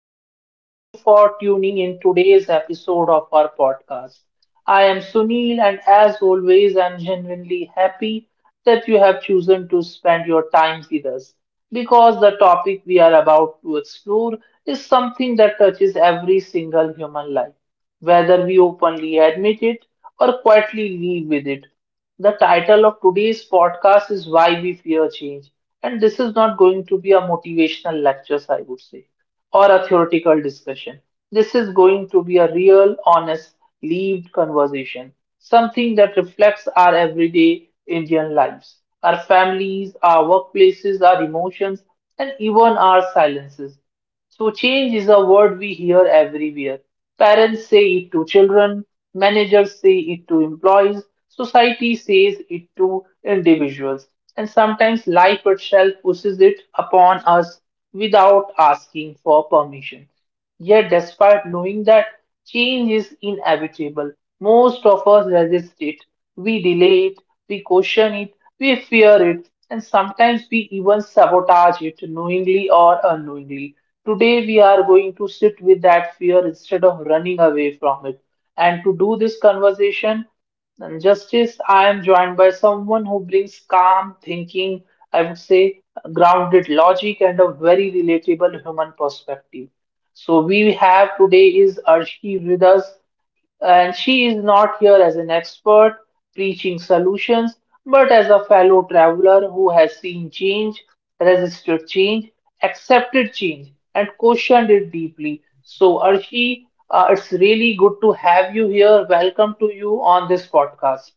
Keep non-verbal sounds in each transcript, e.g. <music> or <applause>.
and thank you for tuning in today's episode of our podcast. I am Sunil, and as always, I'm genuinely happy that you have chosen to spend your time with us because the topic we are about to explore is something that touches every single human life, whether we openly admit it or quietly live with it. The title of today's podcast is Why We Fear Change. And this is not going to be a motivational lecture, I would say, or a theoretical discussion. This is going to be a real, honest, lived conversation, something that reflects our everyday Indian lives, our families, our workplaces, our emotions, and even our silences. So, change is a word we hear everywhere. Parents say it to children, managers say it to employees, society says it to individuals, and sometimes life itself pushes it upon us without asking for permission. Yet, despite knowing that change is inevitable, most of us resist it. We delay it, we caution it, we fear it, and sometimes we even sabotage it knowingly or unknowingly. Today, we are going to sit with that fear instead of running away from it. And to do this conversation, and justice, I am joined by someone who brings calm thinking, I would say grounded logic, and a very relatable human perspective. So we have today is Arshi with us, and she is not here as an expert preaching solutions, but as a fellow traveler who has seen change, resisted change, accepted change, and questioned it deeply. So Arshi, it's really good to have you here. Welcome to you on this podcast.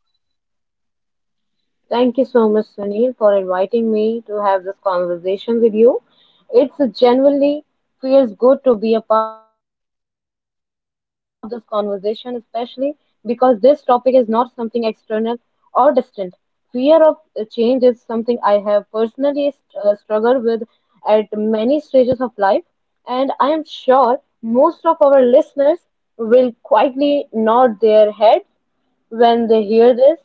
Thank you so much, Sunil, for inviting me to have this conversation with you. It's genuinely feels good to be a part of this conversation, especially because this topic is not something external or distant. Fear of change is something I have personally struggled with at many stages of life, and I am sure most of our listeners will quietly nod their heads when they hear this.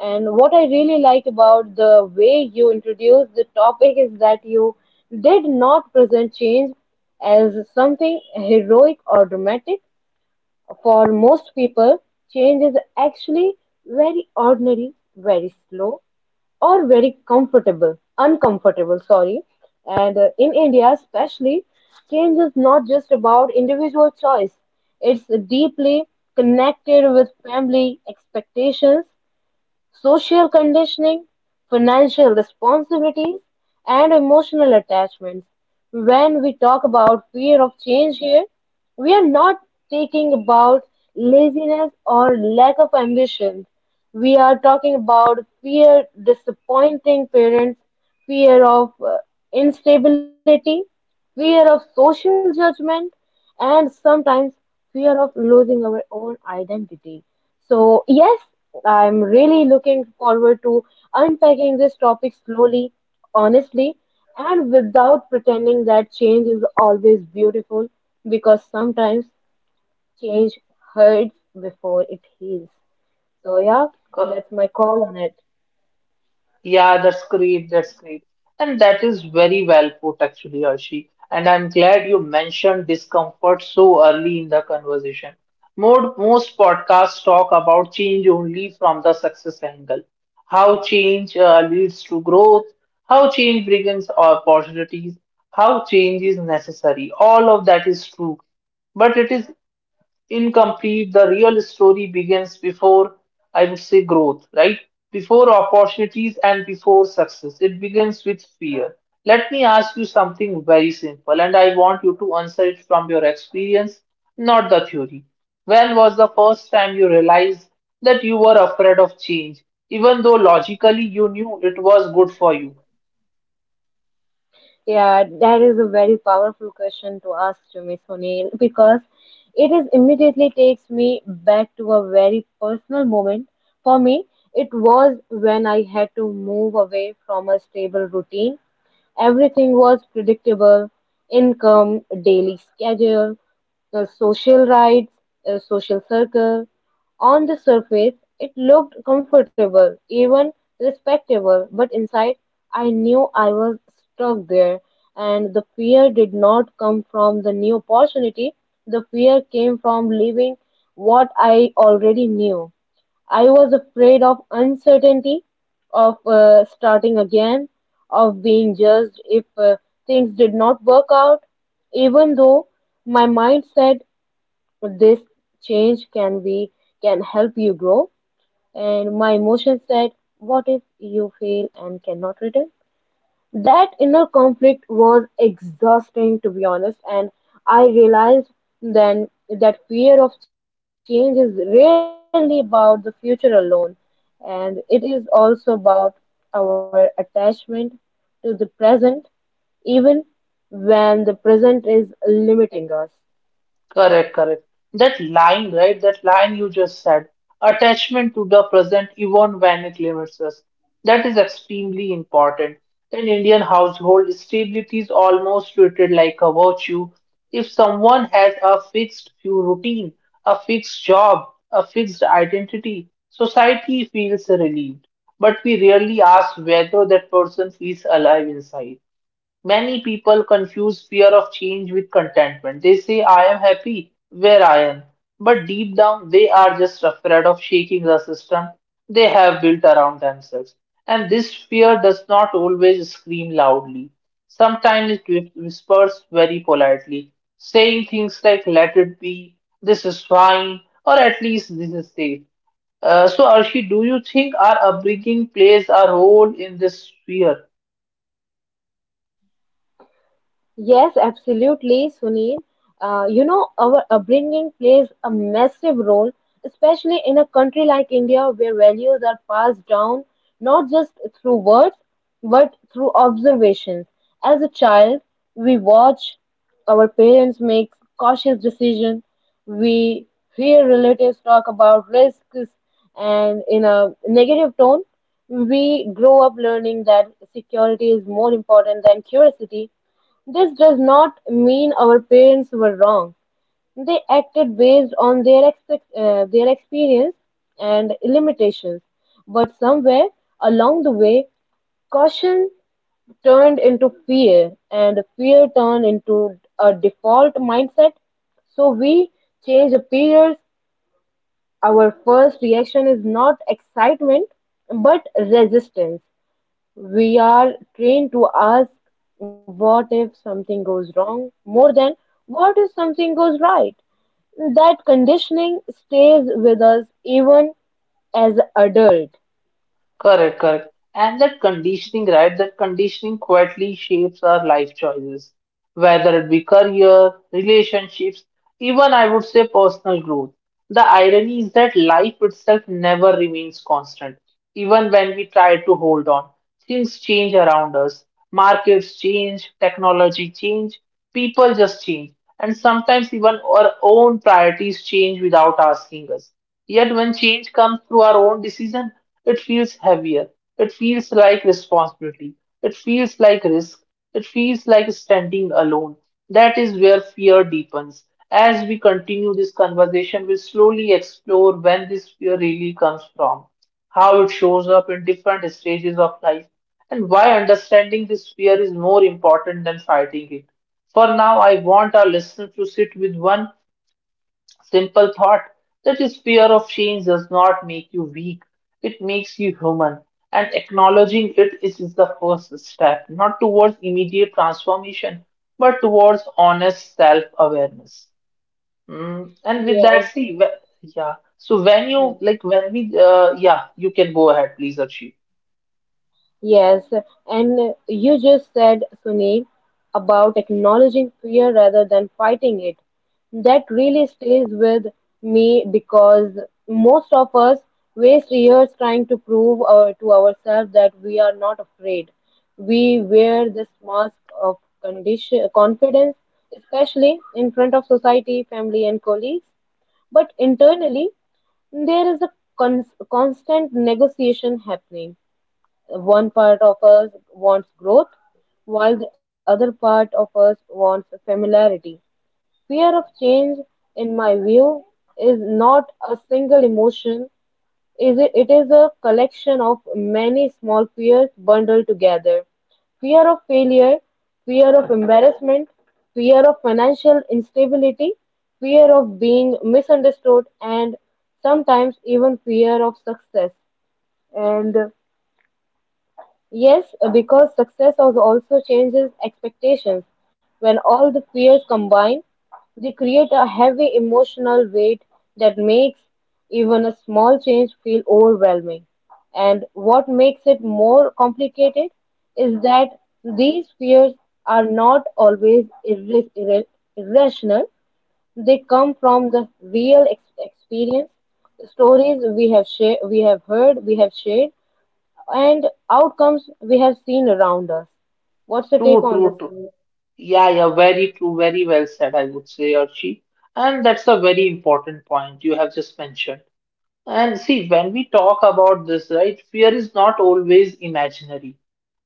And what I really like about the way you introduced the topic is that you did not present change as something heroic or dramatic. For most people, change is actually very ordinary, very slow, or very comfortable, uncomfortable, sorry. And in India, especially, change is not just about individual choice, it's deeply connected with family expectations, social conditioning, financial responsibilities, and emotional attachments. When we talk about fear of change here, we are not talking about laziness or lack of ambition. We are talking about fear disappointing parents, fear of instability, fear of social judgment, and sometimes fear of losing our own identity. So, yes, I'm really looking forward to unpacking this topic slowly, honestly, and without pretending that change is always beautiful because sometimes change hurts before it heals. So, yeah, Uh, that's my call on it. Yeah, that's great. That's great. And that is very well put, actually, Arshi. And I'm glad you mentioned discomfort so early in the conversation. Most podcasts talk about change only from the success angle. How change leads to growth, how change brings opportunities, how change is necessary. All of that is true. But it is incomplete. The real story begins before, I would say, growth, right? Before opportunities and before success. It begins with fear. Let me ask you something very simple, and I want you to answer it from your experience, not the theory. When was the first time you realized that you were afraid of change, even though logically you knew it was good for you? Yeah, that is a very powerful question to ask to me, Sunil, because it is immediately takes me back to a very personal moment. For me, it was when I had to move away from a stable routine. Everything was predictable: income, daily schedule, the social rights, a social circle. On the surface, it looked comfortable, even respectable, but inside, I knew I was stuck there. And the fear did not come from the new opportunity, the fear came from leaving what I already knew. I was afraid of uncertainty, of starting again, of being judged if things did not work out, even though my mind said this change can help you grow, and my emotions said, "What if you fail and cannot return?" That inner conflict was exhausting, to be honest, and I realized then that fear of change is rarely about the future alone, and it is also about our attachment to the present, even when the present is limiting us. Correct, correct. That line, right? That line you just said, attachment to the present even when it limits us. That is extremely important. In Indian household, stability is almost treated like a virtue. If someone has a fixed few routine, a fixed job, a fixed identity, society feels relieved. But we rarely ask whether that person feels alive inside. Many people confuse fear of change with contentment. They say, I am happy where I am. But deep down, they are just afraid of shaking the system they have built around themselves. And this fear does not always scream loudly. Sometimes it whispers very politely, saying things like, let it be, this is fine, or at least this is safe. So, Arshi, do you think our upbringing plays a role in this fear? Yes, absolutely, Sunil. You know, our upbringing plays a massive role, especially in a country like India where values are passed down not just through words but through observations. As a child, we watch our parents make cautious decisions, we hear relatives talk about risks and in a negative tone. We grow up learning that security is more important than curiosity. This does not mean our parents were wrong. They acted based on their experience and limitations. But somewhere along the way, caution turned into fear, and fear turned into a default mindset. So we change appears. Our first reaction is not excitement but resistance. We are trained to ask what if something goes wrong more than what if something goes right. That conditioning stays with us even as adult. Correct, correct. And that conditioning, right? That conditioning quietly shapes our life choices, whether it be career, relationships, even I would say personal growth. The irony is that life itself never remains constant, even when we try to hold on. Things change around us, markets change, technology change, people just change, and sometimes even our own priorities change without asking us. Yet when change comes through our own decision, it feels heavier. It feels like responsibility. It feels like risk. It feels like standing alone. That is where fear deepens. As we continue this conversation, we'll slowly explore when this fear really comes from, how it shows up in different stages of life, and why understanding this fear is more important than fighting it. For now, I want our listeners to sit with one simple thought, that is fear of change does not make you weak, it makes you human. And acknowledging it is the first step, not towards immediate transformation, but towards honest self awareness. Mm. And with that, Yes. see, yeah. So when you like, when we, yeah, you can go ahead, please, Archie. Yes, and you just said, Sunil, about acknowledging fear rather than fighting it. That really stays with me because most of us waste years trying to prove our, to ourselves that we are not afraid. We wear this mask of condition, confidence, especially in front of society, family, and colleagues. But internally, there is a constant negotiation happening. One part of us wants growth, while the other part of us wants familiarity. Fear of change, in my view, is not a single emotion. Is it, it is a collection of many small fears bundled together: fear of failure, fear of embarrassment, fear of financial instability, fear of being misunderstood, and sometimes even fear of success. And yes, because success also changes expectations. When all the fears combine, they create a heavy emotional weight that makes even a small change feel overwhelming. And what makes it more complicated is that these fears are not always irrational, they come from the real experience, stories we have heard, we have shared, and outcomes we have seen around us. What's your take True, on this, true, true. Amit? Yeah, yeah, very true, very well said, I would say, Archie. And that's a very important point you have just mentioned. And see, when we talk about this, right, fear is not always imaginary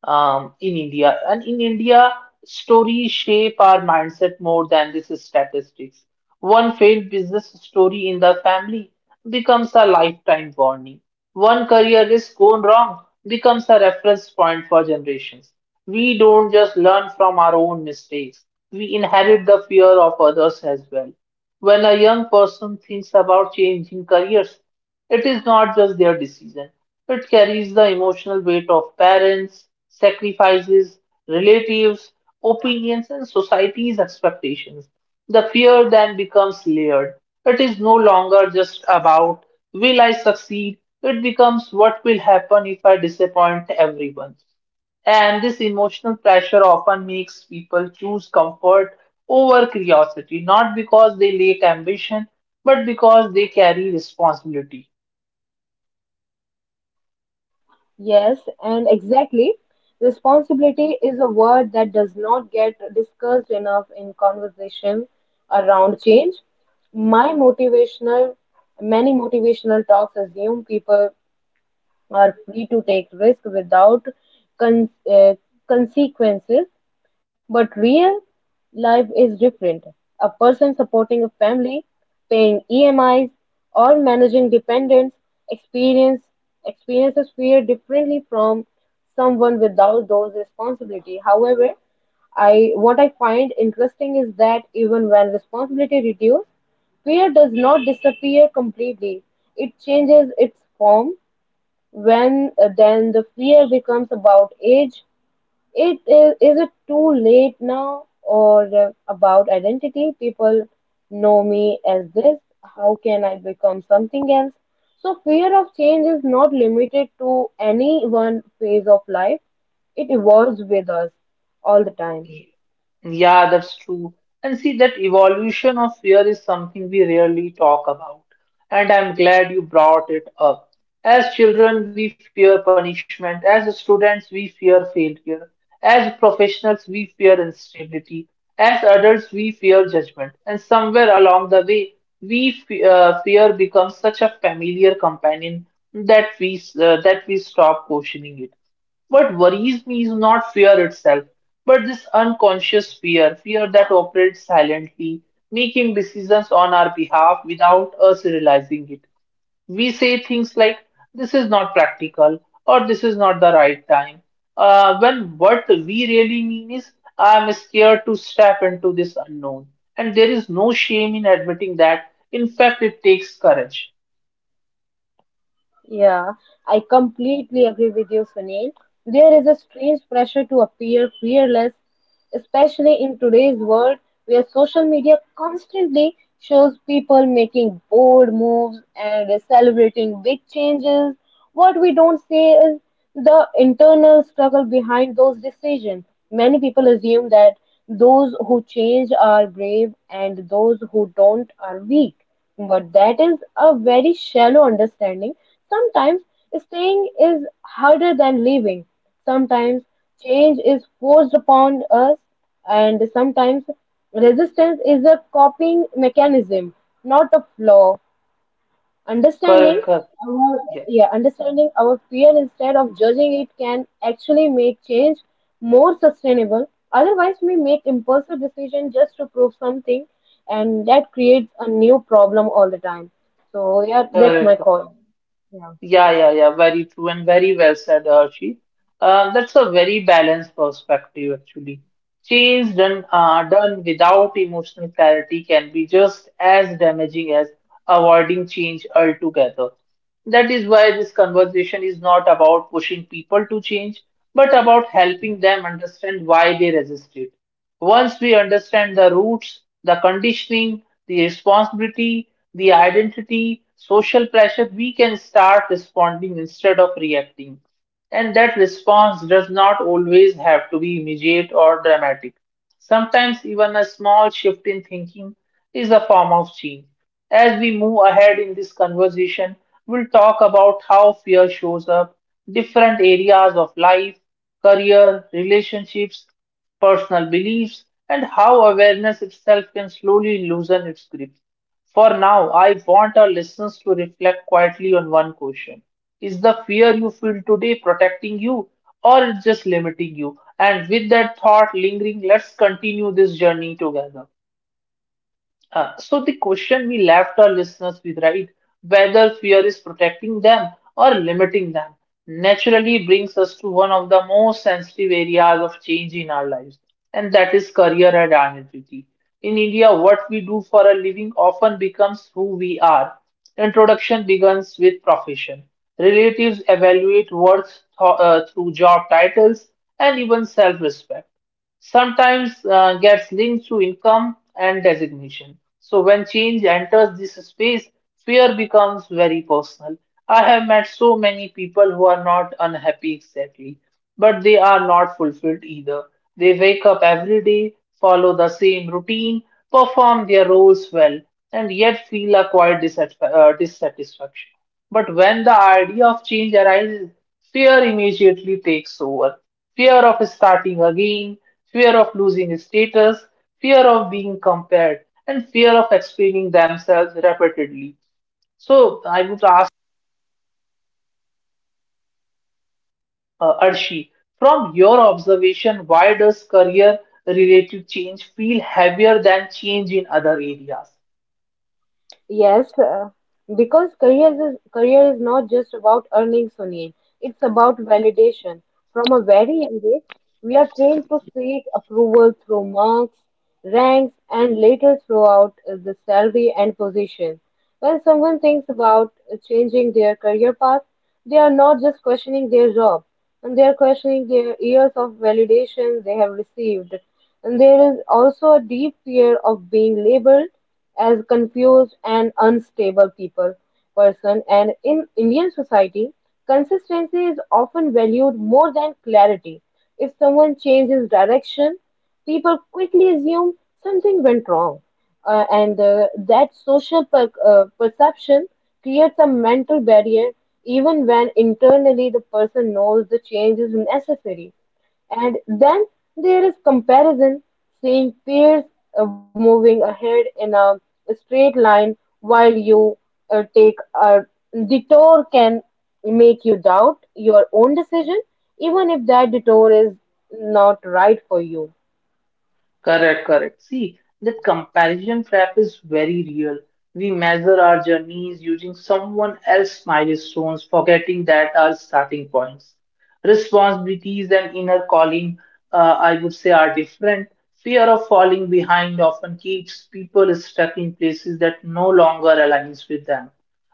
in India. And in India, stories shape our mindset more than this is statistics. One failed business story in the family becomes a lifetime warning. One career risk gone wrong becomes a reference point for generations. We don't just learn from our own mistakes, we inherit the fear of others as well. When a young person thinks about changing careers, it is not just their decision, it carries the emotional weight of parents, sacrifices, relatives, opinions, and society's expectations. The fear then becomes layered. It is no longer just about will I succeed, it becomes what will happen if I disappoint everyone. And this emotional pressure often makes people choose comfort over curiosity, not because they lack ambition, but because they carry responsibility. Yes, and exactly. Responsibility is a word that does not get discussed enough in conversation around change. My motivational, Many motivational talks assume people are free to take risks without con- uh, consequences, but real life is different. A person supporting a family, paying EMIs, or managing dependents experience experiences fear differently from someone without those responsibility. However, I what I find interesting is that even when responsibility reduces, fear does not disappear completely. It changes its form. When then the fear becomes about age, is it too late now, or about identity? People know me as this. How can I become something else? So fear of change is not limited to any one phase of life. It evolves with us all the time. Yeah, that's true. And see, that evolution of fear is something we rarely talk about. And I'm glad you brought it up. As children, we fear punishment. As students, we fear failure. As professionals, we fear instability. As adults, we fear judgment. And somewhere along the way, fear becomes such a familiar companion that we stop questioning it. What worries me is not fear itself, but this unconscious fear, fear that operates silently, making decisions on our behalf without us realizing it. We say things like this is not practical or this is not the right time, when what we really mean is I'm scared to step into this unknown. And there is no shame in admitting that. In fact, it takes courage. Yeah, I completely agree with you, Sunil. There is a strange pressure to appear fearless, especially in today's world where social media constantly shows people making bold moves and celebrating big changes. What we don't see is the internal struggle behind those decisions. Many people assume that those who change are brave and those who don't are weak. But that is a very shallow understanding. Sometimes staying is harder than leaving. Sometimes change is forced upon us, and sometimes resistance is a coping mechanism, not a flaw. Understanding Correct, correct. our Yeah, Yeah, understanding our fear instead of judging it can actually make change more sustainable. Otherwise, we make impulsive decisions just to prove something, and that creates a new problem all the time. So yeah, that's my correct, correct. call. Yeah. Yeah, yeah, yeah, very true and very well said, Archie. That's a very balanced perspective, actually. Change done done without emotional clarity can be just as damaging as avoiding change altogether. That is why this conversation is not about pushing people to change, but about helping them understand why they resist it. Once we understand the roots, the conditioning, the responsibility, the identity, social pressure, we can start responding instead of reacting. And that response does not always have to be immediate or dramatic. Sometimes even a small shift in thinking is a form of change. As we move ahead in this conversation, we'll talk about how fear shows up, different areas of life, career, relationships, personal beliefs, and how awareness itself can slowly loosen its grip. For now, I want our listeners to reflect quietly on one question. Is the fear you feel today protecting you or it's just limiting you? And with that thought lingering, let's continue this journey together. So, the question we left our listeners with, right, whether fear is protecting them or limiting them, naturally brings us to one of the most sensitive areas of change in our lives, and that is career and identity. In India, what we do for a living often becomes who we are. Introduction begins with profession. Relatives evaluate worth through job titles and even self-respect sometimes gets linked to income and designation. So when change enters this space, fear becomes very personal. I have met so many people who are not unhappy exactly, but they are not fulfilled either. They wake up every day, follow the same routine, perform their roles well, and yet feel a quiet dissatisfaction. But when the idea of change arises, fear immediately takes over: fear of starting again, fear of losing status, fear of being compared, and fear of explaining themselves repeatedly. So I would ask Arshi, from your observation, why does career related change feel heavier than change in other areas? Yes, because career is not just about earning, Sunil. It's about validation. From a very young age, we are trained to seek approval through marks, ranks, and later throughout the salary and position. When someone thinks about changing their career path, they are not just questioning their job, and they are questioning their years of validation they have received. And there is also a deep fear of being labeled as confused and unstable people person. And in Indian society, consistency is often valued more than clarity. If someone changes direction, people quickly assume something went wrong, and that social perception creates a mental barrier even when internally the person knows the change is necessary. And then there is comparison, seeing peers moving ahead in a straight line while you take a detour can make you doubt your own decision, even if that detour is not right for you. Correct, correct. See, that comparison trap is very real. We measure our journeys using someone else's milestones, forgetting that our starting points, responsibilities, and inner calling, I would say, are different. Fear of falling behind often keeps people stuck in places that no longer aligns with them.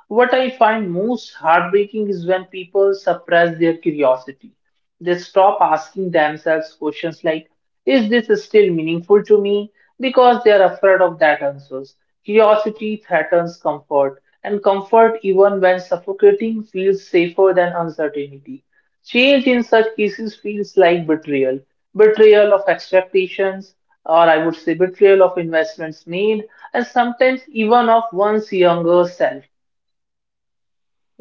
What I find most heartbreaking is when people suppress their curiosity. They stop asking themselves questions like, is this still meaningful to me? Because they are afraid of that answers. Curiosity threatens comfort, and comfort, even when suffocating, feels safer than uncertainty. Change in such cases feels like betrayal, betrayal of expectations, or I would say betrayal of investments made, and sometimes even of one's younger self.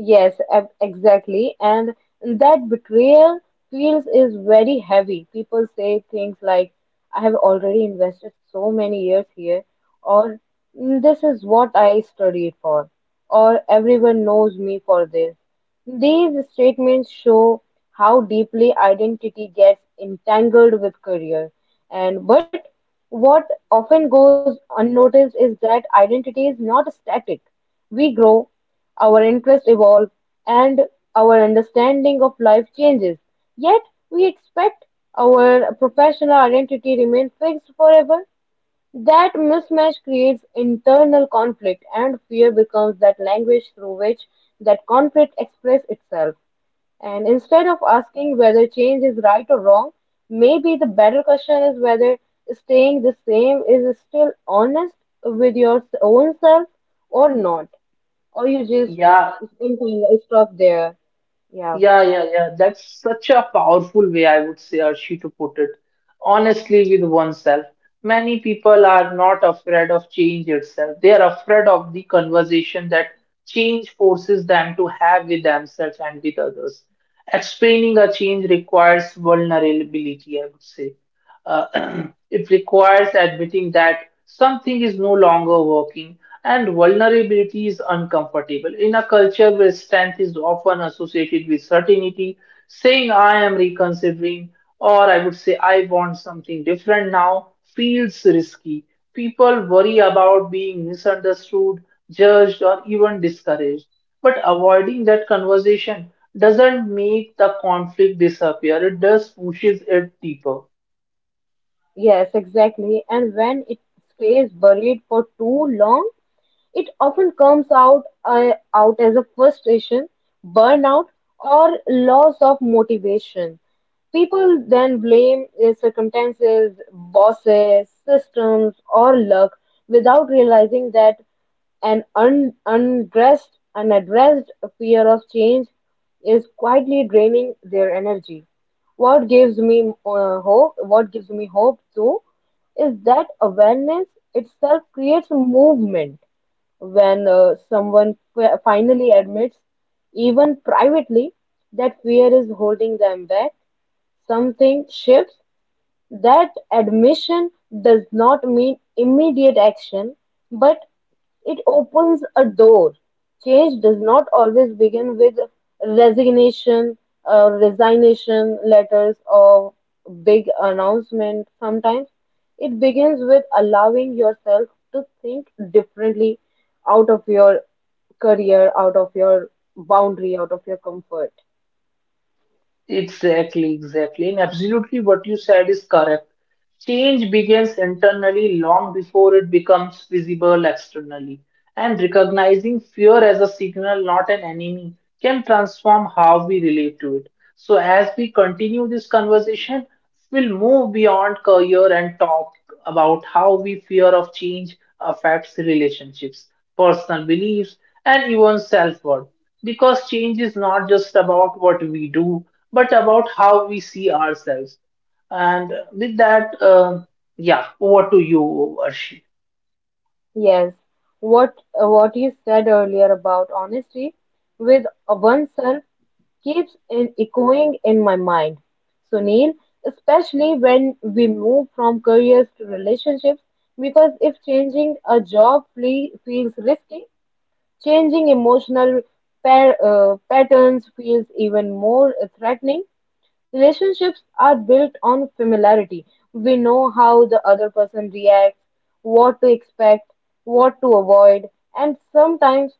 Yes, exactly. And that betrayal feels is very heavy. People say things like, "I have already invested so many years here," or "Mm, this is what I studied for," or "everyone knows me for this." These statements show how deeply identity gets entangled with career. And but what often goes unnoticed is that identity is not static. We grow, our interests evolve and our understanding of life changes. Yet, we expect our professional identity remain fixed forever. That mismatch creates internal conflict, and fear becomes that language through which that conflict expresses itself. And instead of asking whether change is right or wrong, maybe the better question is whether staying the same is still honest with your own self or not. Or you just Yeah, thinking, stop there. Yeah, yeah, yeah, yeah. That's such a powerful way, I would say, Archie, to put it. Honestly, with oneself. Many people are not afraid of change itself. They are afraid of the conversation that change forces them to have with themselves and with others. Explaining a change requires vulnerability, I would say. Uh, <clears throat> it requires admitting that something is no longer working and vulnerability is uncomfortable. In a culture where strength is often associated with certainty, saying I am reconsidering or I would say I want something different now feels risky. People worry about being misunderstood, judged, or even discouraged. But avoiding that conversation doesn't make the conflict disappear, it just pushes it deeper. yes, exactly. And when it stays buried for too long, it often comes out as a frustration, burnout, or loss of motivation. People then blame their circumstances, bosses, systems, or luck without realizing that an unaddressed fear of change is quietly draining their energy. What gives me hope? What gives me hope too is that awareness itself creates a movement when someone finally admits, even privately, that fear is holding them back, something shifts. That admission does not mean immediate action, but it opens a door. Change does not always begin with resignation, resignation letters, or big announcement. Sometimes it begins with allowing yourself to think differently out of your career, out of your boundary, out of your comfort. Exactly, exactly. And absolutely what you said is correct. Change begins internally long before it becomes visible externally. And recognizing fear as a signal, not an enemy, can transform how we relate to it. So, as we continue this conversation, we'll move beyond career and talk about how we fear of change affects relationships, personal beliefs, and even self worth. Because change is not just about what we do, but about how we see ourselves. And with that, yeah, over to you, Arshi. Yes, what what you said earlier about honesty with oneself keeps in echoing in my mind, Sunil, especially when we move from careers to relationships, because if changing a job feels risky, changing emotional patterns feels even more threatening. Relationships are built on familiarity. We know how the other person reacts, what to expect, what to avoid, and sometimes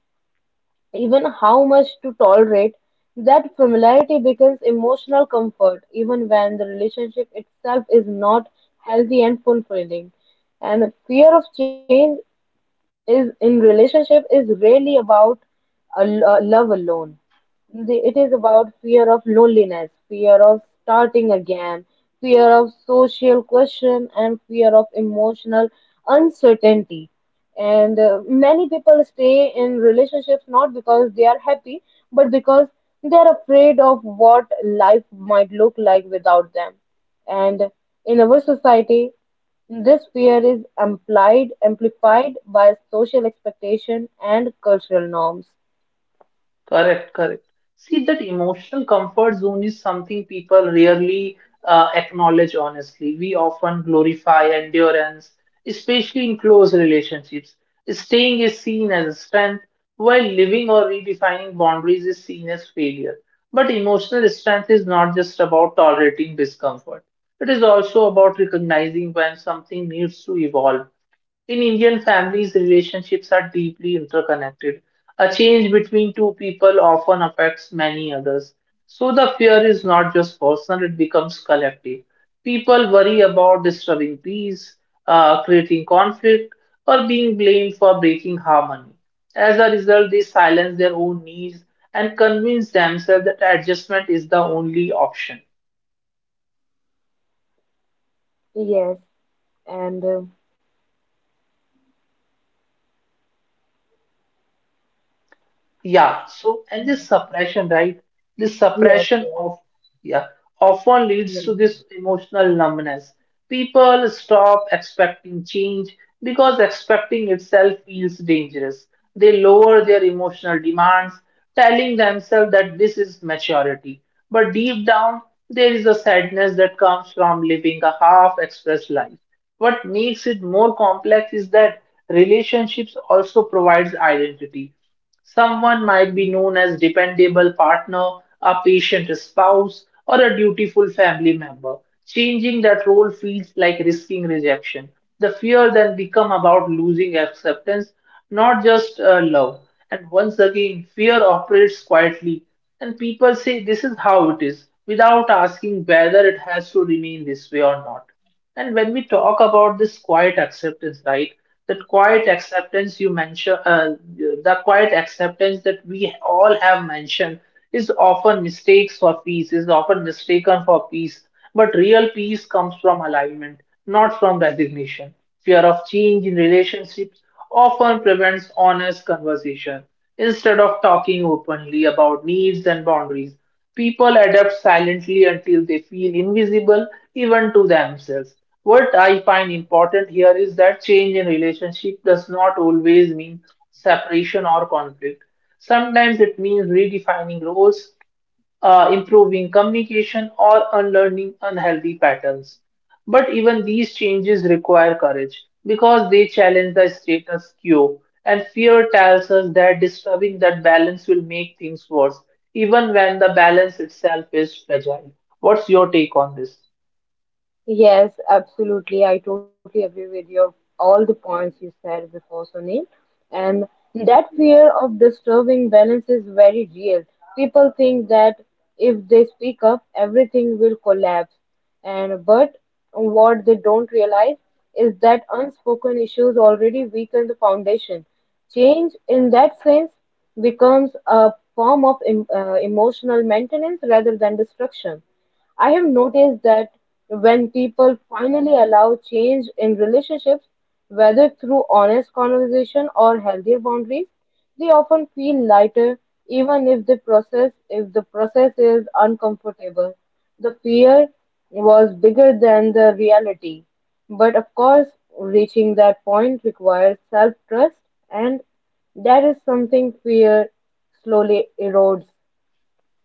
even how much to tolerate, that familiarity becomes emotional comfort, even when the relationship itself is not healthy and fulfilling. And fear of change is in relationship is really about a love alone. The, it is about fear of loneliness, fear of starting again, fear of social question, and fear of emotional uncertainty. And Many people stay in relationships not because they are happy, but because they are afraid of what life might look like without them. And in our society, this fear is amplified, amplified by social expectation and cultural norms. Correct, correct. See, that emotional comfort zone is something people rarely acknowledge honestly. We often glorify endurance, especially in close relationships. Staying is seen as a strength, while living or redefining boundaries is seen as failure. But emotional strength is not just about tolerating discomfort, it is also about recognizing when something needs to evolve in Indian families, relationships are deeply interconnected. A change between two people often affects many others. So the fear is not just personal, it becomes collective. People worry about disturbing peace, creating conflict, or being blamed for breaking harmony. As a result, they silence their own needs and convince themselves that adjustment is the only option. Yes. And uh, Yeah, so and this suppression, right? This yes, suppression yes, of yeah often leads yes. to this emotional numbness. People stop expecting change because expecting itself feels dangerous. They lower their emotional demands, telling themselves that this is maturity. But deep down, there is a sadness that comes from living a half-expressed life. What makes it more complex is that relationships also provides identity. Someone might be known as dependable partner, a patient spouse, or a dutiful family member. Changing that role feels like risking rejection. The fear then become about losing acceptance, not just love. And once again, fear operates quietly, and people say this is how it is, without asking whether it has to remain this way or not. And when we talk about this quiet acceptance, right? That quiet acceptance you mentioned, the quiet acceptance that we all have mentioned is often mistakes for peace, is often mistaken for peace. But real peace comes from alignment, not from resignation. Fear of change in relationships often prevents honest conversation. Instead of talking openly about needs and boundaries, people adapt silently until they feel invisible even to themselves. What I find important here is that change in relationship does not always mean separation or conflict. Sometimes it means redefining roles, improving communication or unlearning unhealthy patterns. But even these changes require courage because they challenge the status quo, and fear tells us that disturbing that balance will make things worse, even when the balance itself is fragile. What's your take on this? Yes, absolutely. I totally agree with your all the points you said before, Sunil. And that fear of disturbing balance is very real. People think that if they speak up, everything will collapse. And but what they don't realize is that unspoken issues already weaken the foundation. Change in that sense becomes a form of emotional maintenance rather than destruction. I have noticed that when people finally allow change in relationships, whether through honest conversation or healthier boundaries, they often feel lighter even if the process is uncomfortable. The fear was bigger than the reality. But of course, reaching that point requires self-trust and that is something fear slowly erodes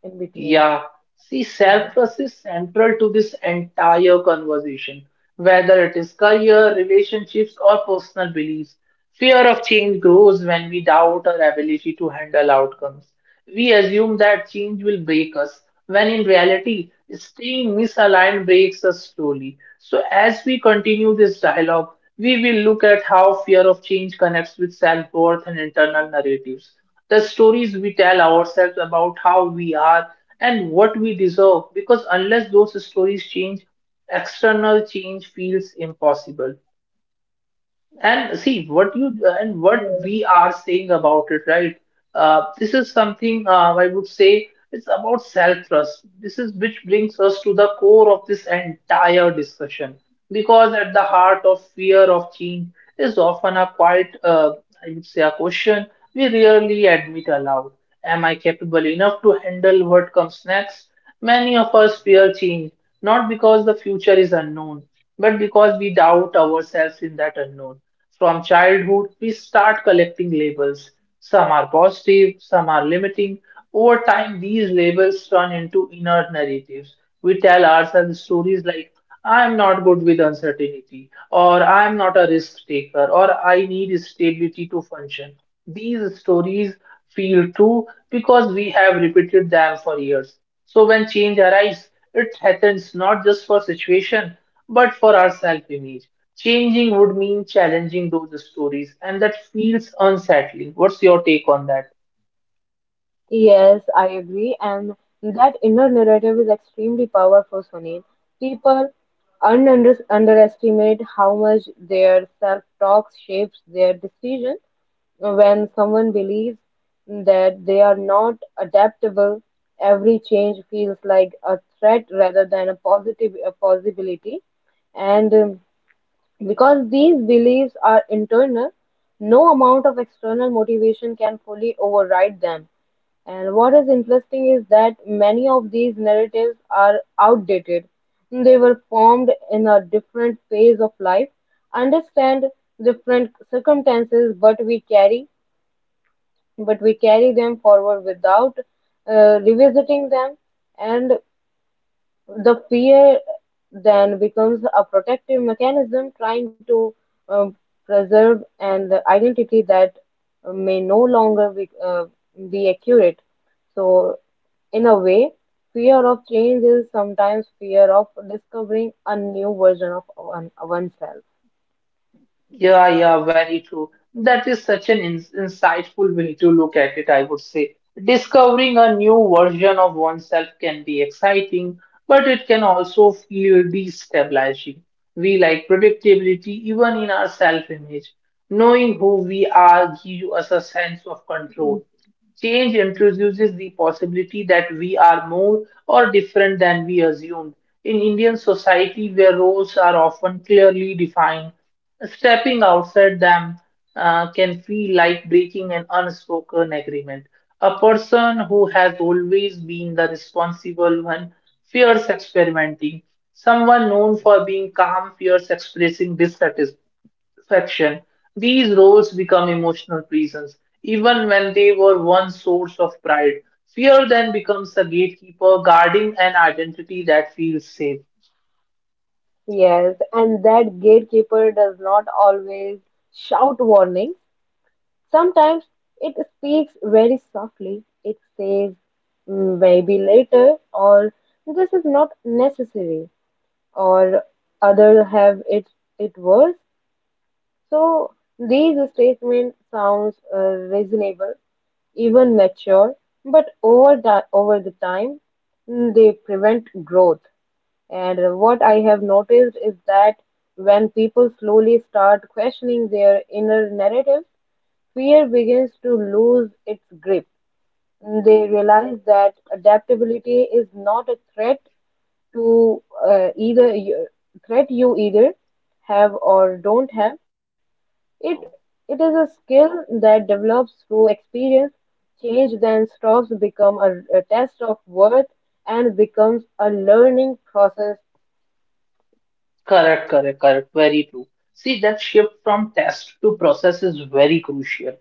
in between. Yeah, see, self-trust is central to this entire conversation, whether it is career, relationships, or personal beliefs. Fear of change grows when we doubt our ability to handle outcomes. We assume that change will break us, when in reality, staying misaligned breaks us slowly. So, as we continue this dialogue, we will look at how fear of change connects with self-worth and internal narratives, the stories we tell ourselves about how we are and what we deserve because unless those stories change external change feels impossible and see what you and what we are saying about it, right? This is something I would say it's about self-trust. This is which brings us to the core of this entire discussion, because at the heart of fear of change is often a quite, I would say, a question we rarely admit aloud. Am I capable enough to handle what comes next? Many of us fear change, not because the future is unknown, but because we doubt ourselves in that unknown. So, from childhood, we start collecting labels. Some are positive, some are limiting. Over time, these labels turn into inner narratives. We tell ourselves stories like, I am not good with uncertainty, or I am not a risk taker, or I need stability to function. These stories feel true because we have repeated them for years. So when change arrives, it happens not just for situation, but for our self image. Changing would mean challenging those stories, and that feels unsettling. What's your take on that? Yes, I agree. And that inner narrative is extremely powerful, Sunil. People un- underestimate how much their self talk shapes their decision. When someone believes that they are not adaptable, every change feels like a threat rather than a positive a possibility. And Because these beliefs are internal, no amount of external motivation can fully override them. And what is interesting is that many of these narratives are outdated. They were formed in a different phase of life, understand different circumstances, but we carry them forward without revisiting them. And the fear then becomes a protective mechanism trying to um, preserve an identity that may no longer be accurate. So, in a way, fear of change is sometimes fear of discovering a new version of oneself. Yeah, yeah, very true. That is such an insightful way to look at it, I would say. Discovering a new version of oneself can be exciting, but it can also feel destabilizing. We like predictability even in our self-image. Knowing who we are gives us a sense of control. Change introduces the possibility that we are more or different than we assumed. In Indian society, where roles are often clearly defined, stepping outside them can feel like breaking an unspoken agreement. A person who has always been the responsible one fears experimenting. Someone known for being calm fears expressing dissatisfaction. These roles become emotional prisons, even when they were once source of pride. Fear then becomes a gatekeeper guarding an identity that feels safe. Yes, and that gatekeeper does not always shout warnings. Sometimes it speaks very softly. It says, "Mm, maybe later, or this is not necessary, or other have it, it worse. So these statements sounds reasonable, even mature, but over the time they prevent growth. And What I have noticed is that when people slowly start questioning their inner narrative, fear begins to lose its grip. They realize that adaptability is not a threat to threat you either have or don't have. It it is a skill that develops through experience. Change then stops become a test of worth and becomes a learning process. Correct, correct, correct. Very true. See, that shift from test to process is very crucial.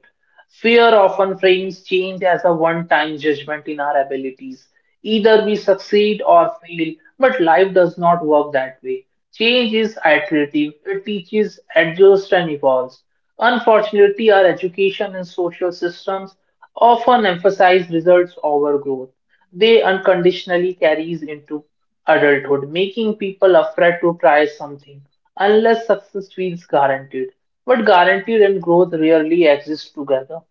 Fear often frames change as a one time judgment in our abilities. Either we succeed or fail, but life does not work that way. Change is iterative, it teaches, adjusts, and evolves. Unfortunately, our education and social systems often emphasize results over growth. They unconditionally carries into adulthood, making people afraid to try something unless success feels guaranteed. But guaranteed and growth rarely exist together.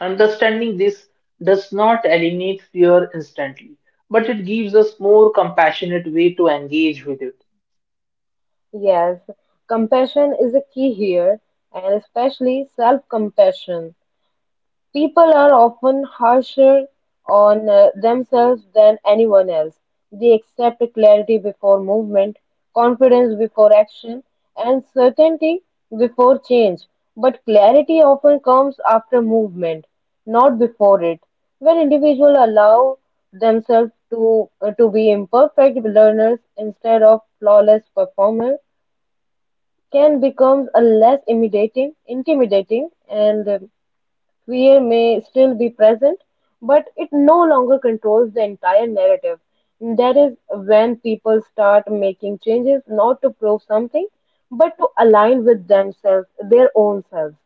Understanding this does not eliminate fear instantly, but it gives us more compassionate way to engage with it. Yes, compassion is a key here, and especially self-compassion. People are often harsher on themselves than anyone else; they accept clarity before movement, confidence before action, and certainty before change. But clarity often comes after movement, not before it. When individuals allow themselves to be imperfect learners instead of flawless performers, can become a less intimidating and fear may still be present, but it no longer controls the entire narrative. That is when people start making changes not to prove something, but to align with themselves, their own selves.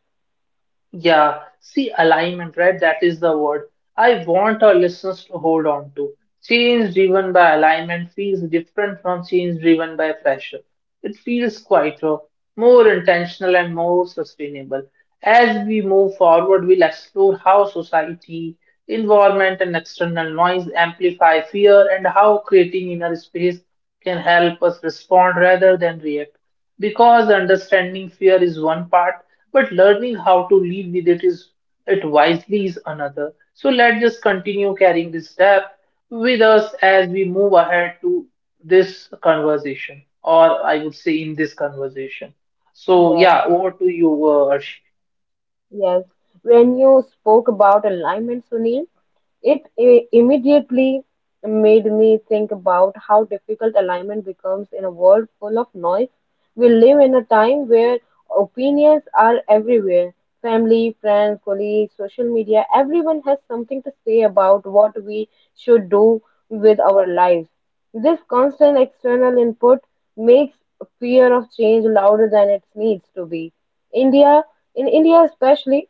Yeah, see alignment, right? That is the word I want our listeners to hold on to. Change driven by alignment feels different from change driven by pressure. It feels quieter, more intentional, and more sustainable. As we move forward, we'll explore how society, environment, and external noise amplify fear and how creating inner space can help us respond rather than react. Because understanding fear is one part, but learning how to live with it is it wisely is another. So let's just continue carrying this step with us as we move ahead to this conversation, or I would say in this conversation. So yeah, Yes, over to you, Arshi. yes. When you spoke about alignment, Sunil, it immediately made me think about how difficult alignment becomes in a world full of noise. We live in a time where opinions are everywhere family, friends, colleagues, social media. Everyone has something to say about what we should do with our lives. This constant external input makes fear of change louder than it needs to be. India, in India especially,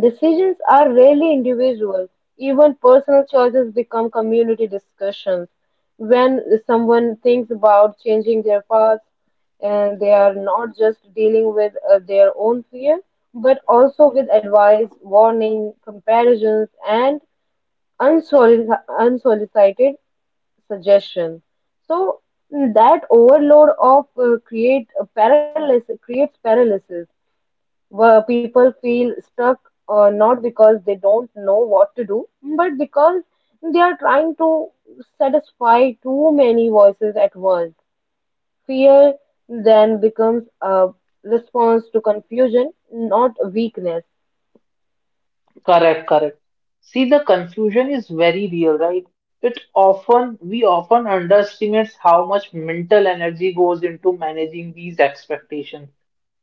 decisions are rarely individual; even personal choices become community discussions. When someone thinks about changing their path, and they are not just dealing with their own fear, but also with advice, warning, comparisons, and unsolicited suggestion. So that overload of creates paralysis where people feel stuck not because they don't know what to do, but because they are trying to satisfy too many voices at once. Fear then becomes a response to confusion, not weakness. Correct, correct. See, the confusion is very real, right? It often, we often underestimate how much mental energy goes into managing these expectations.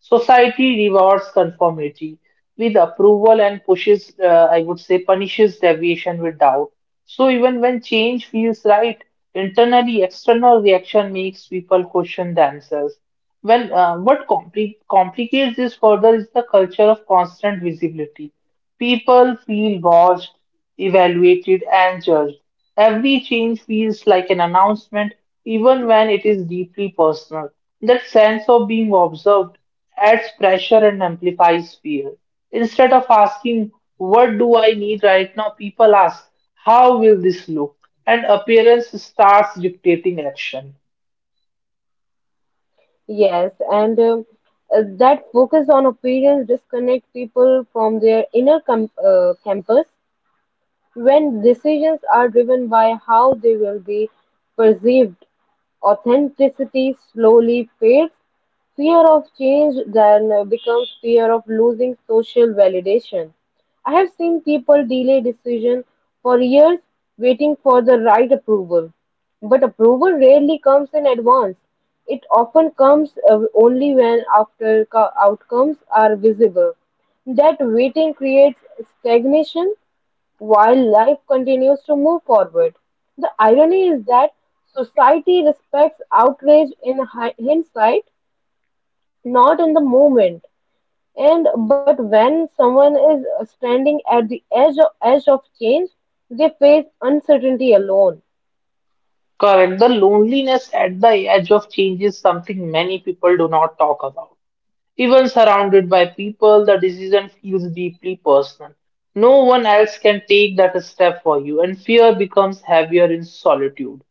Society rewards conformity with approval and pushes, I would say, punishes deviation with doubt. So even when change feels right, internally external reaction makes people question themselves. When what complicates this further is the culture of constant visibility. People feel watched, evaluated, and judged. Every change feels like an announcement, even when it is deeply personal. That sense of being observed adds pressure and amplifies fear. Instead of asking, what do I need right now? People ask, how will this look? And appearance starts dictating action. Yes, and That focus on appearance disconnect people from their inner campus. When decisions are driven by how they will be perceived, authenticity slowly fades. Fear of change then becomes fear of losing social validation. I have seen people delay decision for years waiting for the right approval. But approval rarely comes in advance. It often comes only when after outcomes are visible. That waiting creates stagnation while life continues to move forward, the irony is that society respects outrage in hindsight, not in the moment. And but when someone is standing at the edge of change, they face uncertainty alone. Correct. The loneliness at the edge of change is something many people do not talk about. Even surrounded by people, the decision feels deeply personal. No one else can take that step for you, and fear becomes heavier in solitude.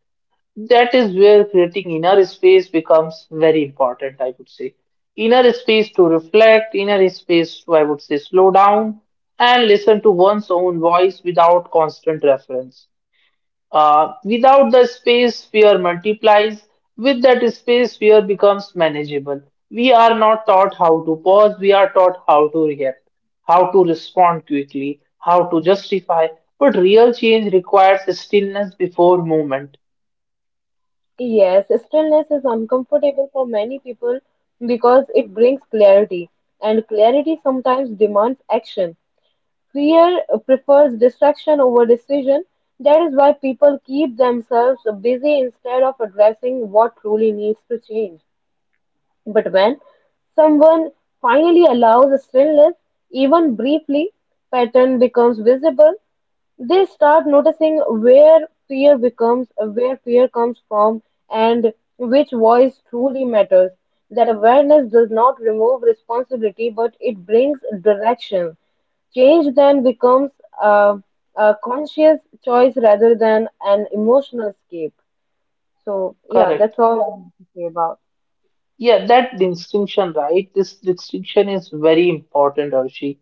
That is where creating inner space becomes very important, I would say. Inner space to reflect, inner space to, I would say, slow down and listen to one's own voice without constant reference. Without the space, fear multiplies. With that space, fear becomes manageable. We are not taught how to pause, we are taught how to react, how to respond quickly, how to justify. But real change requires stillness before movement. Yes, stillness is uncomfortable for many people because it brings clarity, and clarity sometimes demands action. Fear prefers distraction over decision; that is why people keep themselves busy instead of addressing what truly needs to change. But when someone finally allows a stillness, even briefly, pattern becomes visible. They start noticing where fear comes from, and which voice truly matters. That awareness does not remove responsibility, but it brings direction. Change then becomes a, a conscious choice rather than an emotional escape. So, yeah, that's Correct. all I want to say about. Yeah, that distinction, right? This distinction is very important, Arshi.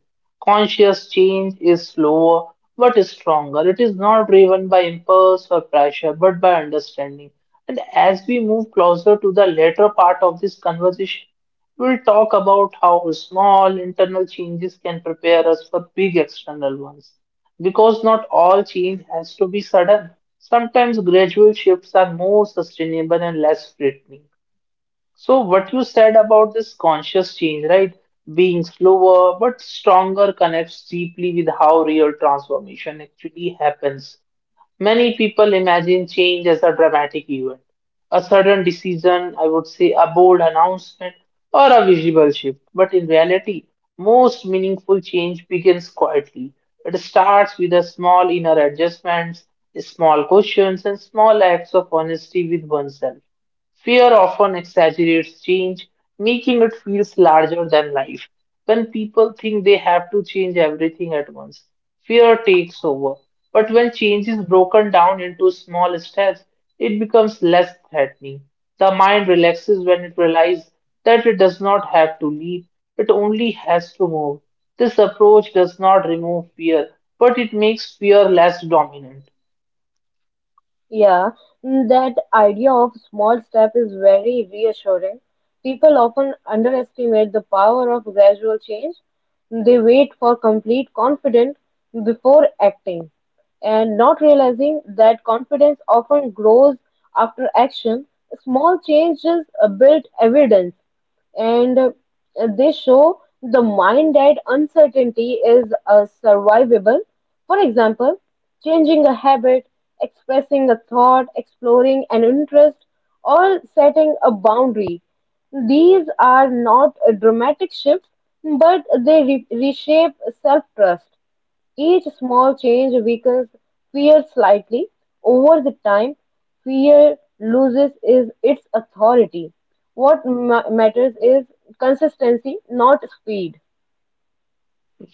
Conscious change is slower but is stronger. It is not driven by impulse or pressure, but by understanding. And as we move closer to the later part of this conversation, we'll talk about how small internal changes can prepare us for big external ones. Because not all change has to be sudden. Sometimes gradual shifts are more sustainable and less threatening. So what you said about this conscious change, right? Being slower but stronger connects deeply with how real transformation actually happens. Many people imagine change as a dramatic event, a sudden decision, I would say a bold announcement, or a visible shift. But in reality, most meaningful change begins quietly. It starts with a small inner adjustments, small questions, and small acts of honesty with oneself. Fear often exaggerates change, making it feel larger than life. When people think they have to change everything at once, fear takes over. But when change is broken down into small steps, it becomes less threatening. The mind relaxes when it realizes that it does not have to leave, it only has to move. This approach does not remove fear, but it makes fear less dominant. Yeah, that idea of small step is very reassuring. People often underestimate the power of gradual change. They wait for complete confidence before acting, and not realizing that confidence often grows after action. Small changes build evidence, and they show the mind that uncertainty is survivable. For example, changing a habit, expressing a thought, exploring an interest, or setting a boundary. These are not dramatic shifts, but they reshape self trust. Each small change weakens fear slightly; over the time, fear loses is its authority. What matters is consistency, not speed.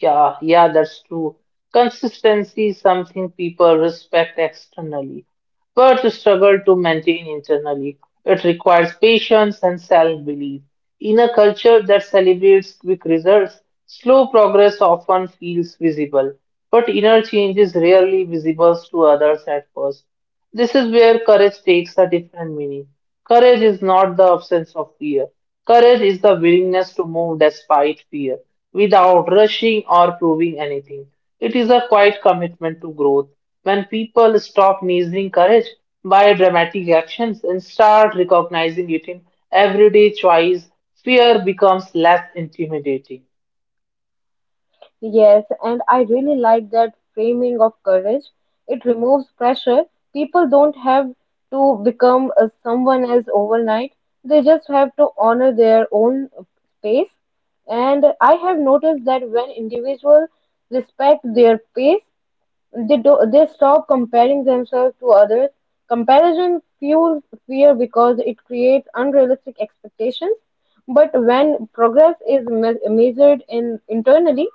Yeah, yeah, that's true. Consistency is something people respect externally but to struggle to maintain internally. It requires patience and self belief. In a culture that celebrates quick results, slow progress often feels visible, but inner change is rarely visible to others at first. This is where courage takes a different meaning. Courage is not the absence of fear. Courage is the willingness to move despite fear, without rushing or proving anything. It is a quiet commitment to growth when people stop measuring courage by dramatic actions and start recognizing it in everyday choice, fear becomes less intimidating. Yes, and I really like that framing of courage. It removes pressure. People don't have to become a someone else overnight. They just have to honor their own pace. And I have noticed that when individuals respect their pace, they stop comparing themselves to others. Comparison fuels fear because it creates unrealistic expectations. But when progress is measured in internally,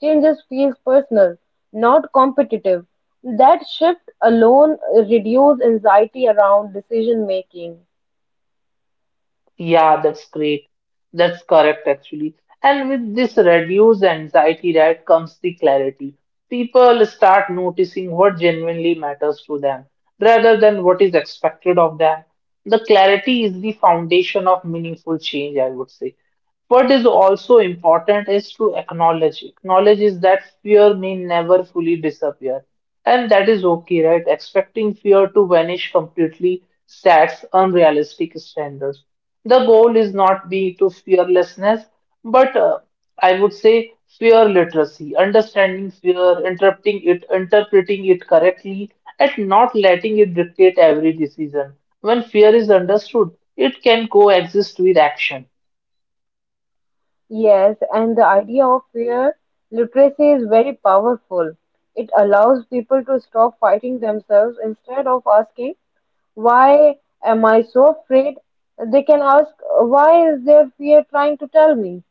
changes feels personal, not competitive. That shift alone reduces anxiety around decision making. Yeah, that's great. That's correct, actually. And with this reduced anxiety, right, comes the clarity. People start noticing what genuinely matters to them rather than what is expected of them. The clarity is the foundation of meaningful change, I would say. What is also important is to acknowledge. Acknowledge is that fear may never fully disappear. And that is okay, right? Expecting fear to vanish completely sets unrealistic standards. The goal is not be to fearlessness, but I would say fear literacy, understanding fear, interpreting it correctly, and not letting it dictate every decision. When fear is understood, it can coexist with action. Yes, and the idea of fear literacy is very powerful. It allows people to stop fighting themselves instead of asking, why am I so afraid? They can ask, why is there fear trying to tell me?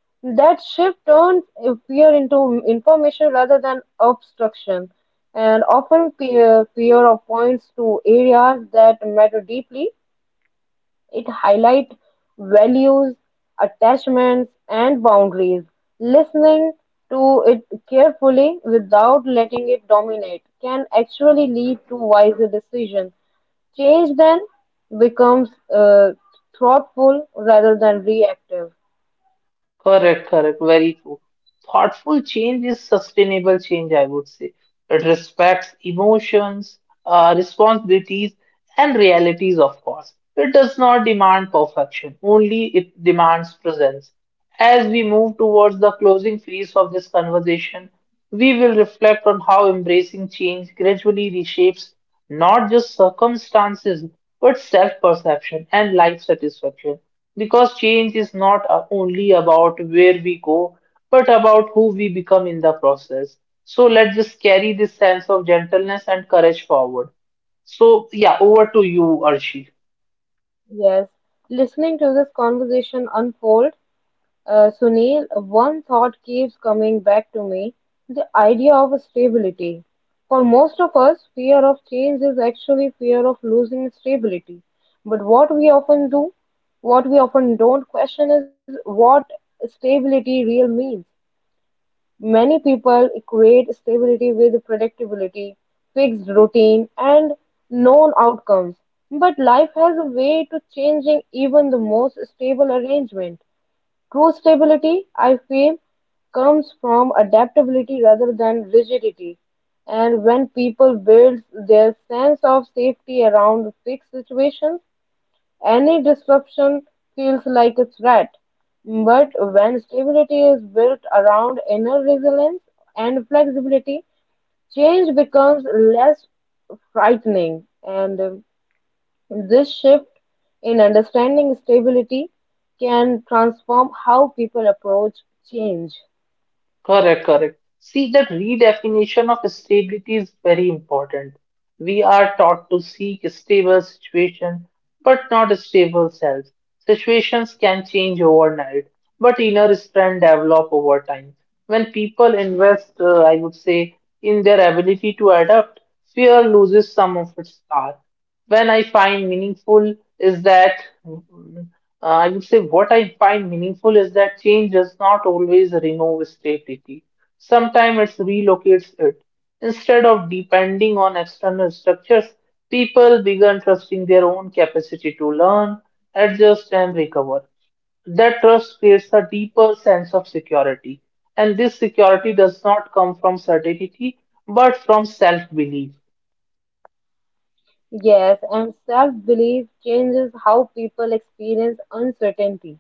That shift turns fear into information rather than obstruction. And often, fear points to areas that matter deeply. It highlights values, attachments, and boundaries. Listening to it carefully without letting it dominate can actually lead to wiser decisions. Change then becomes thoughtful rather than reactive. Correct, correct, very true. Thoughtful change is sustainable change, I would say. It respects emotions, responsibilities, and realities, of course. It does not demand perfection, only it demands presence. As we move towards the closing phase of this conversation, we will reflect on how embracing change gradually reshapes not just circumstances, but self perception and life satisfaction. Because change is not only about where we go but about who we become in the process. So let's just carry this sense of gentleness and courage forward. So, yeah, over to you, Arshi. Yes. Listening to this conversation unfold, Sunil, one thought keeps coming back to me the idea of stability. For most of us, fear of change is actually fear of losing stability. But what we often don't question is what stability real means. Many people equate stability with predictability, fixed routine, and known outcomes. But life has a way to changing even the most stable arrangement. True stability, I feel, comes from adaptability rather than rigidity. And when people build their sense of safety around fixed situations, any disruption feels like a threat, but when stability is built around inner resilience and flexibility, change becomes less frightening. And this shift in understanding stability can transform how people approach change. Correct, correct. See, that redefinition of stability is very important. We are taught to seek stable situation, but not stable self. Situations can change overnight, but inner strength develop over time. When people invest, I would say, in their ability to adapt, fear loses some of its power when I find meaningful is that mm, I would say what I find meaningful is that change does not always remove stability. Sometimes it relocates it. Instead of depending on external structures, people began trusting their own capacity to learn, adjust, and recover. That trust creates a deeper sense of security. And this security does not come from certainty, but from self belief. Yes, and self belief changes how people experience uncertainty.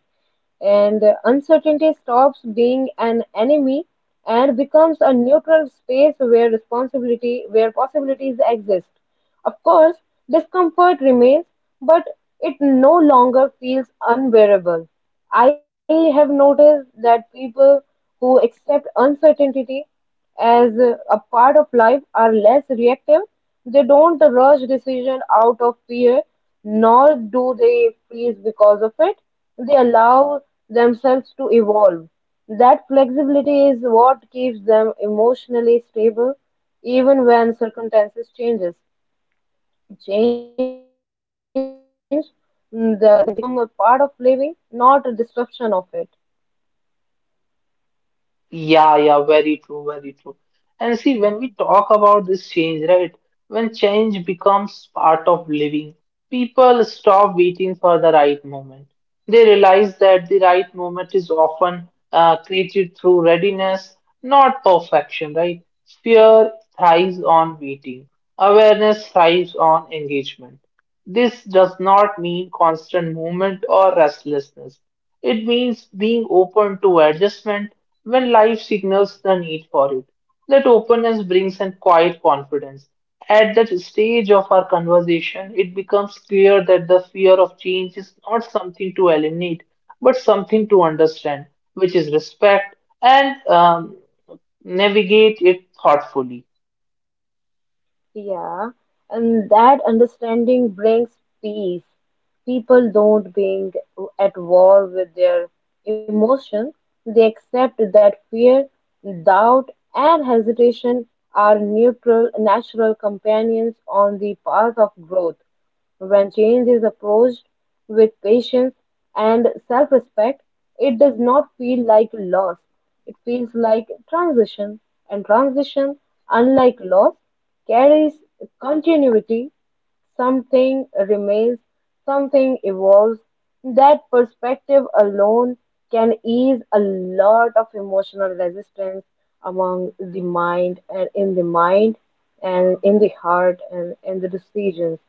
And uncertainty stops being an enemy and becomes a neutral space where possibilities exist. Of course discomfort remains, but it no longer feels unbearable. I have noticed that people who accept uncertainty as a part of life, are less reactive; they don't rush decision out of fear, nor do they freeze because of it. They allow themselves to evolve. That flexibility is what keeps them emotionally stable, even when circumstances changes. Change then become a part of living, not a disruption of it. Yeah, yeah, very true, very true. And see, when we talk about this change, right? When change becomes part of living, people stop waiting for the right moment. They realize that the right moment is often created through readiness, not perfection, right? Fear thrives on waiting, awareness thrives on engagement. This does not mean constant movement or restlessness. It means being open to adjustment when life signals the need for it. That openness brings in quiet confidence. At that stage of our conversation, it becomes clear that the fear of change is not something to eliminate, but something to understand, which is respect and navigate it thoughtfully. Yeah, and that understanding brings peace. People don't being at war with their emotions. They accept that fear, doubt, and hesitation are neutral, natural companions on the path of growth. When change is approached with patience and self respect, it does not feel like loss. It feels like transition, and transition, unlike loss, carries continuity. Something remains, something evolves. That perspective alone can ease a lot of emotional resistance among the mind and in the mind and in the heart and in the decisions.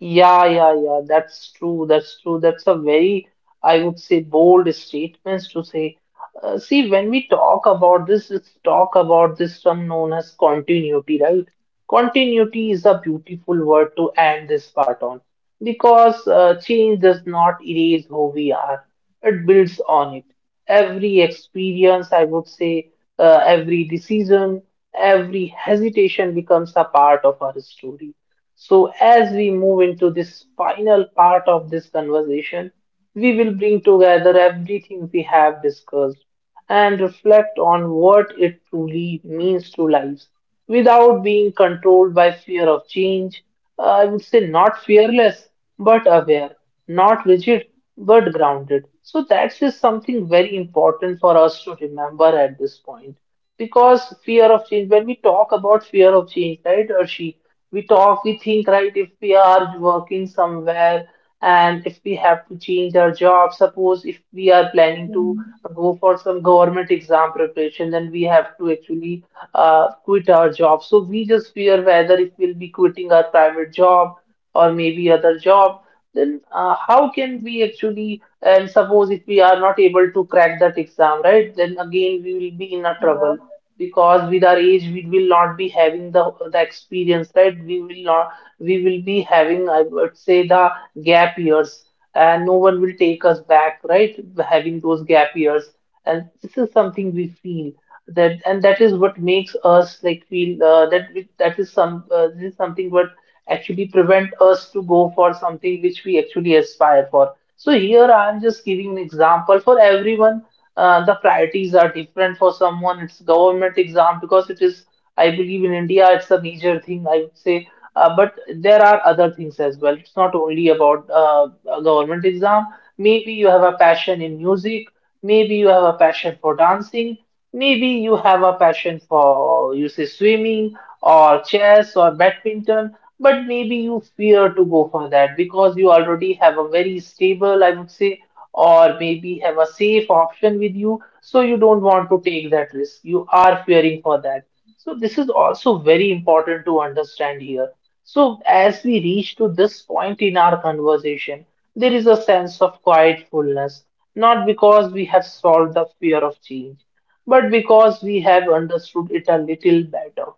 Yeah, yeah, yeah. That's true. That's true. That's a very, I would say, bold statements to say. See, when we talk about this, let's talk about this term known as continuity, right? Continuity is a beautiful word to end this part on because change does not erase who we are. It builds on it every experience, I would say, every decision, every hesitation becomes a part of our story. So, as we move into this final part of this conversation, we will bring together everything we have discussed and reflect on what it truly means to lives without being controlled by fear of change. I would say not fearless, but aware, not rigid, but grounded. So that's just something very important for us to remember at this point. Because fear of change, when we talk about fear of change, right, Arshi, we think, right, if we are working somewhere and if we have to change our job, suppose if we are planning to go for some government exam preparation, then we have to actually quit our job. So we just fear whether if we'll be quitting our private job or maybe other job, then how can we actually, and suppose if we are not able to crack that exam, right, then again we will be in a trouble because with our age we will not be having the experience, right? We will not, we will be having, I would say, the gap years and no one will take us back, right? Having those gap years. And this is something we feel that, and that is what makes us like feel that we, that is some this is something what actually prevent us to go for something which we actually aspire for. So here I am just giving an example for everyone. The priorities are different for someone. It's government exam because it is, I believe, in India it's a major thing. I would say but there are other things as well. It's not only about a government exam. Maybe you have a passion in music. Maybe you have a passion for dancing. Maybe you have a passion for, you say, swimming or chess or badminton. But maybe you fear to go for that because you already have a very stable, I would say, or maybe have a safe option with you. So you don't want to take that risk. You are fearing for that. So this is also very important to understand here. So as we reach to this point in our conversation, there is a sense of quiet fullness, not because we have solved the fear of change, but because we have understood it a little better.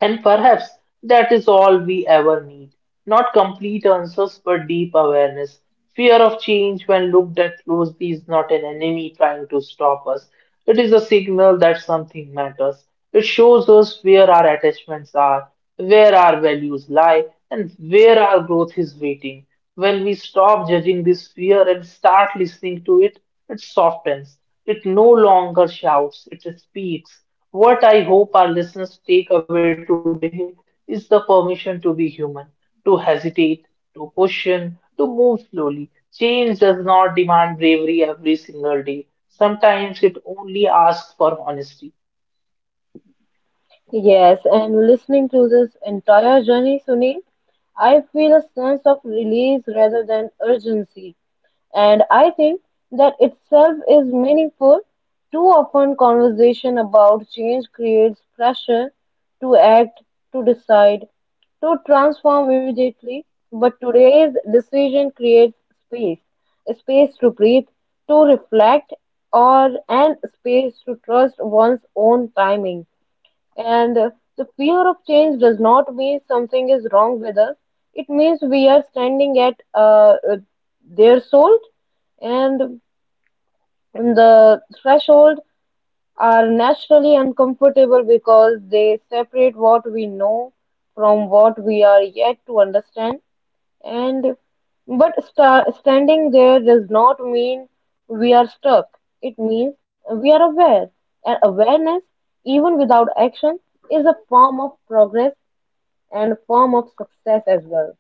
And perhaps that is all we ever need. Not complete answers, but deep awareness. Fear of change, when looked at closely, is not an enemy trying to stop us. It is a signal that something matters. It shows us where our attachments are, where our values lie, and where our growth is waiting. When we stop judging this fear and start listening to it, it softens. It no longer shouts, it speaks. What I hope our listeners take away today is the permission to be human, to hesitate, to question, to move slowly. Change does not demand bravery every single day. Sometimes it only asks for honesty. Yes, and listening to this entire journey, Sunil, I feel a sense of release rather than urgency. And I think that itself is meaningful. Too often, conversation about change creates pressure to act, to decide, to transform immediately. But today's decision creates space a space to breathe, to reflect, or and space to trust one's own timing. And the fear of change does not mean something is wrong with us. It means we are standing at their soul. And and the threshold are naturally uncomfortable because they separate what we know from what we are yet to understand. And but standing there does not mean we are stuck. It means we are aware. And awareness, even without action, is a form of progress and form of success as well.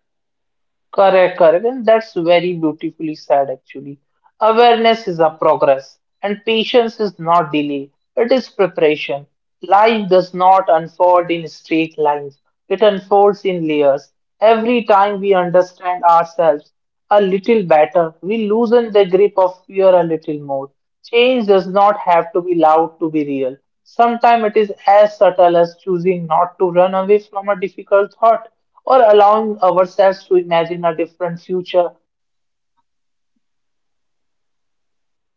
Correct, correct. And that's very beautifully said, actually. Awareness is a progress, and patience is not delay, it is preparation. Life does not unfold in straight lines, it unfolds in layers. Every time we understand ourselves, a little better. We loosen the grip of fear a little more. Change does not have to be loud to be real. Sometimes it is as subtle as choosing not to run away from a difficult thought or allowing ourselves to imagine a different future,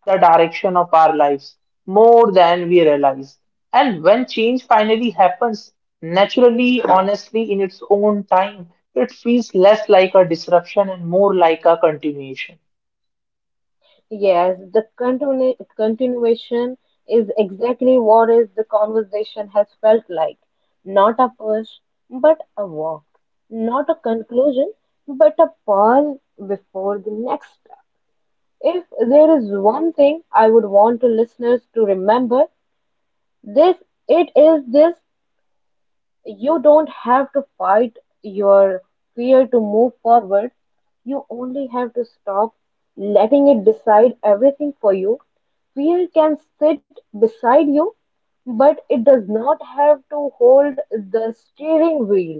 the direction of our lives, more than we realize. And when change finally happens, naturally, honestly, in its own time, it feels less like a disruption and more like a continuation. Yes, the continuation is exactly what is the conversation has felt like. Not a push, but a walk. Not a conclusion, but a pause before the next step. If there is one thing I would want to listeners to remember, this it is this you don't have to fight your fear to move forward. You only have to stop letting it decide everything for you. Fear can sit beside you, but it does not have to hold the steering wheel,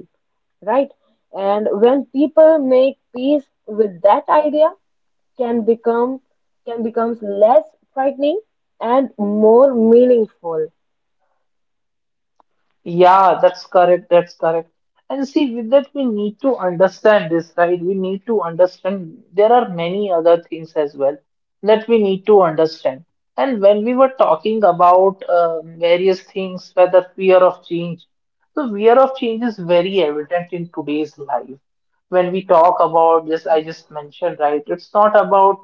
right? And when people make peace with that idea, can become can becomes less frightening and more meaningful. Yeah, that's correct. That's correct. And see, with that, we need to understand this, right? We need to understand there are many other things as well that we need to understand. And when we were talking about various things, whether fear of change, the fear of change is very evident in today's life. When we talk about this, I just mentioned, right? It's not about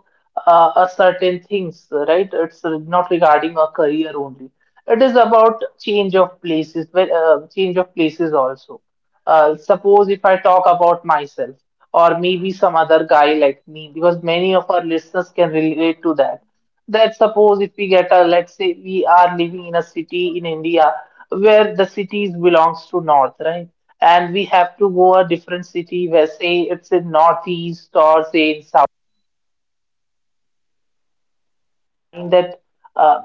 a certain things, right? It's not regarding a career only, it is about change of places, but change of places also. Suppose if I talk about myself or maybe some other guy like me, because many of our listeners can relate to that. That suppose if we get a, let's say we are living in a city in India where the cities belongs to north, right? And we have to go a different city where say it's in northeast or say in south mind that uh,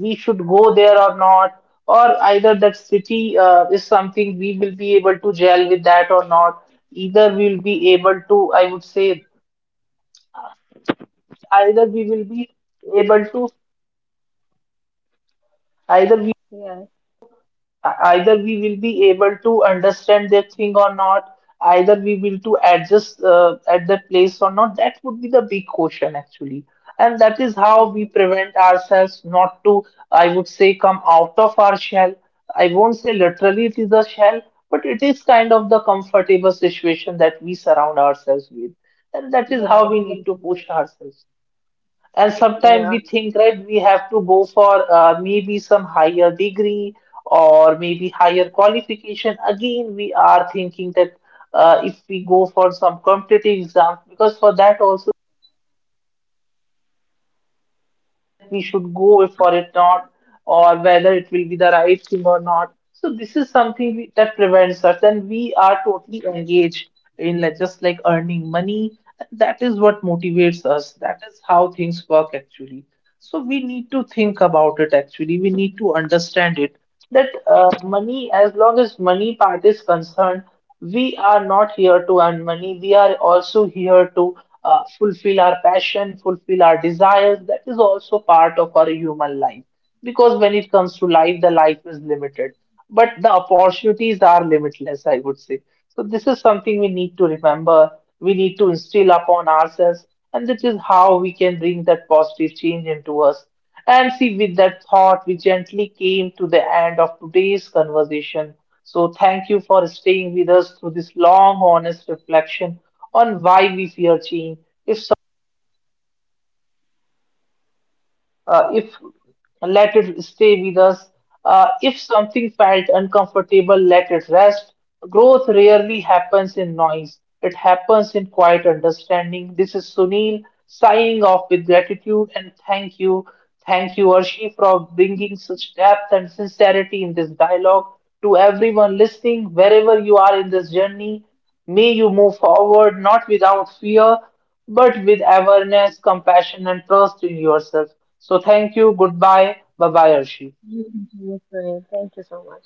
we should go there or not, or either that city is something we will be able to gel with that or not. Either we'll be able to, I would say, either we will be able to, either we Yeah, E- either we will be able to understand their thing or not, either we will to adjust at the place or not, that would be the big question actually, and that is how we prevent ourselves not to, I would say, come out of our shell. I won't say literally it is a shell, but it is kind of the comfortable situation that we surround ourselves with, and that is yeah, how we exactly. need to push ourselves. And Yeah, sometimes we think, right, we have to go for maybe some higher degree or maybe higher qualification. Again, we are thinking that if we go for some competitive exams, because for that also we should go for it not, or whether it will be the right thing or not. So this is something we, that prevents us, and we are totally engaged in like, just like earning money. That is what motivates us. That is how things work actually. So we need to think about it actually. We need to understand it that money, as long as money part is concerned, we are not here to earn money. We are also here to fulfill our passion, fulfill our desires. That is also part of our human life. Because when it comes to life, the life is limited, but the opportunities are limitless, I would say. So, this is something we need to remember. We need to instill upon ourselves, and this is how we can bring that positive change into us. And see, with that thought, we gently came to the end of today's conversation. So, thank you for staying with us through this long, honest reflection on why we fear change. It's if let it stay with us. If something felt uncomfortable, let it rest. Growth rarely happens in noise, it happens in quiet understanding. This is Sunil signing off with gratitude and thank you. Thank you, Arshi, for bringing such depth and sincerity in this dialogue. To everyone listening, wherever you are in this journey, may you move forward not without fear but with awareness, compassion, and trust in yourself. So, thank you. Goodbye. Bye bye, Arshi. you can do the same. Thank you so much.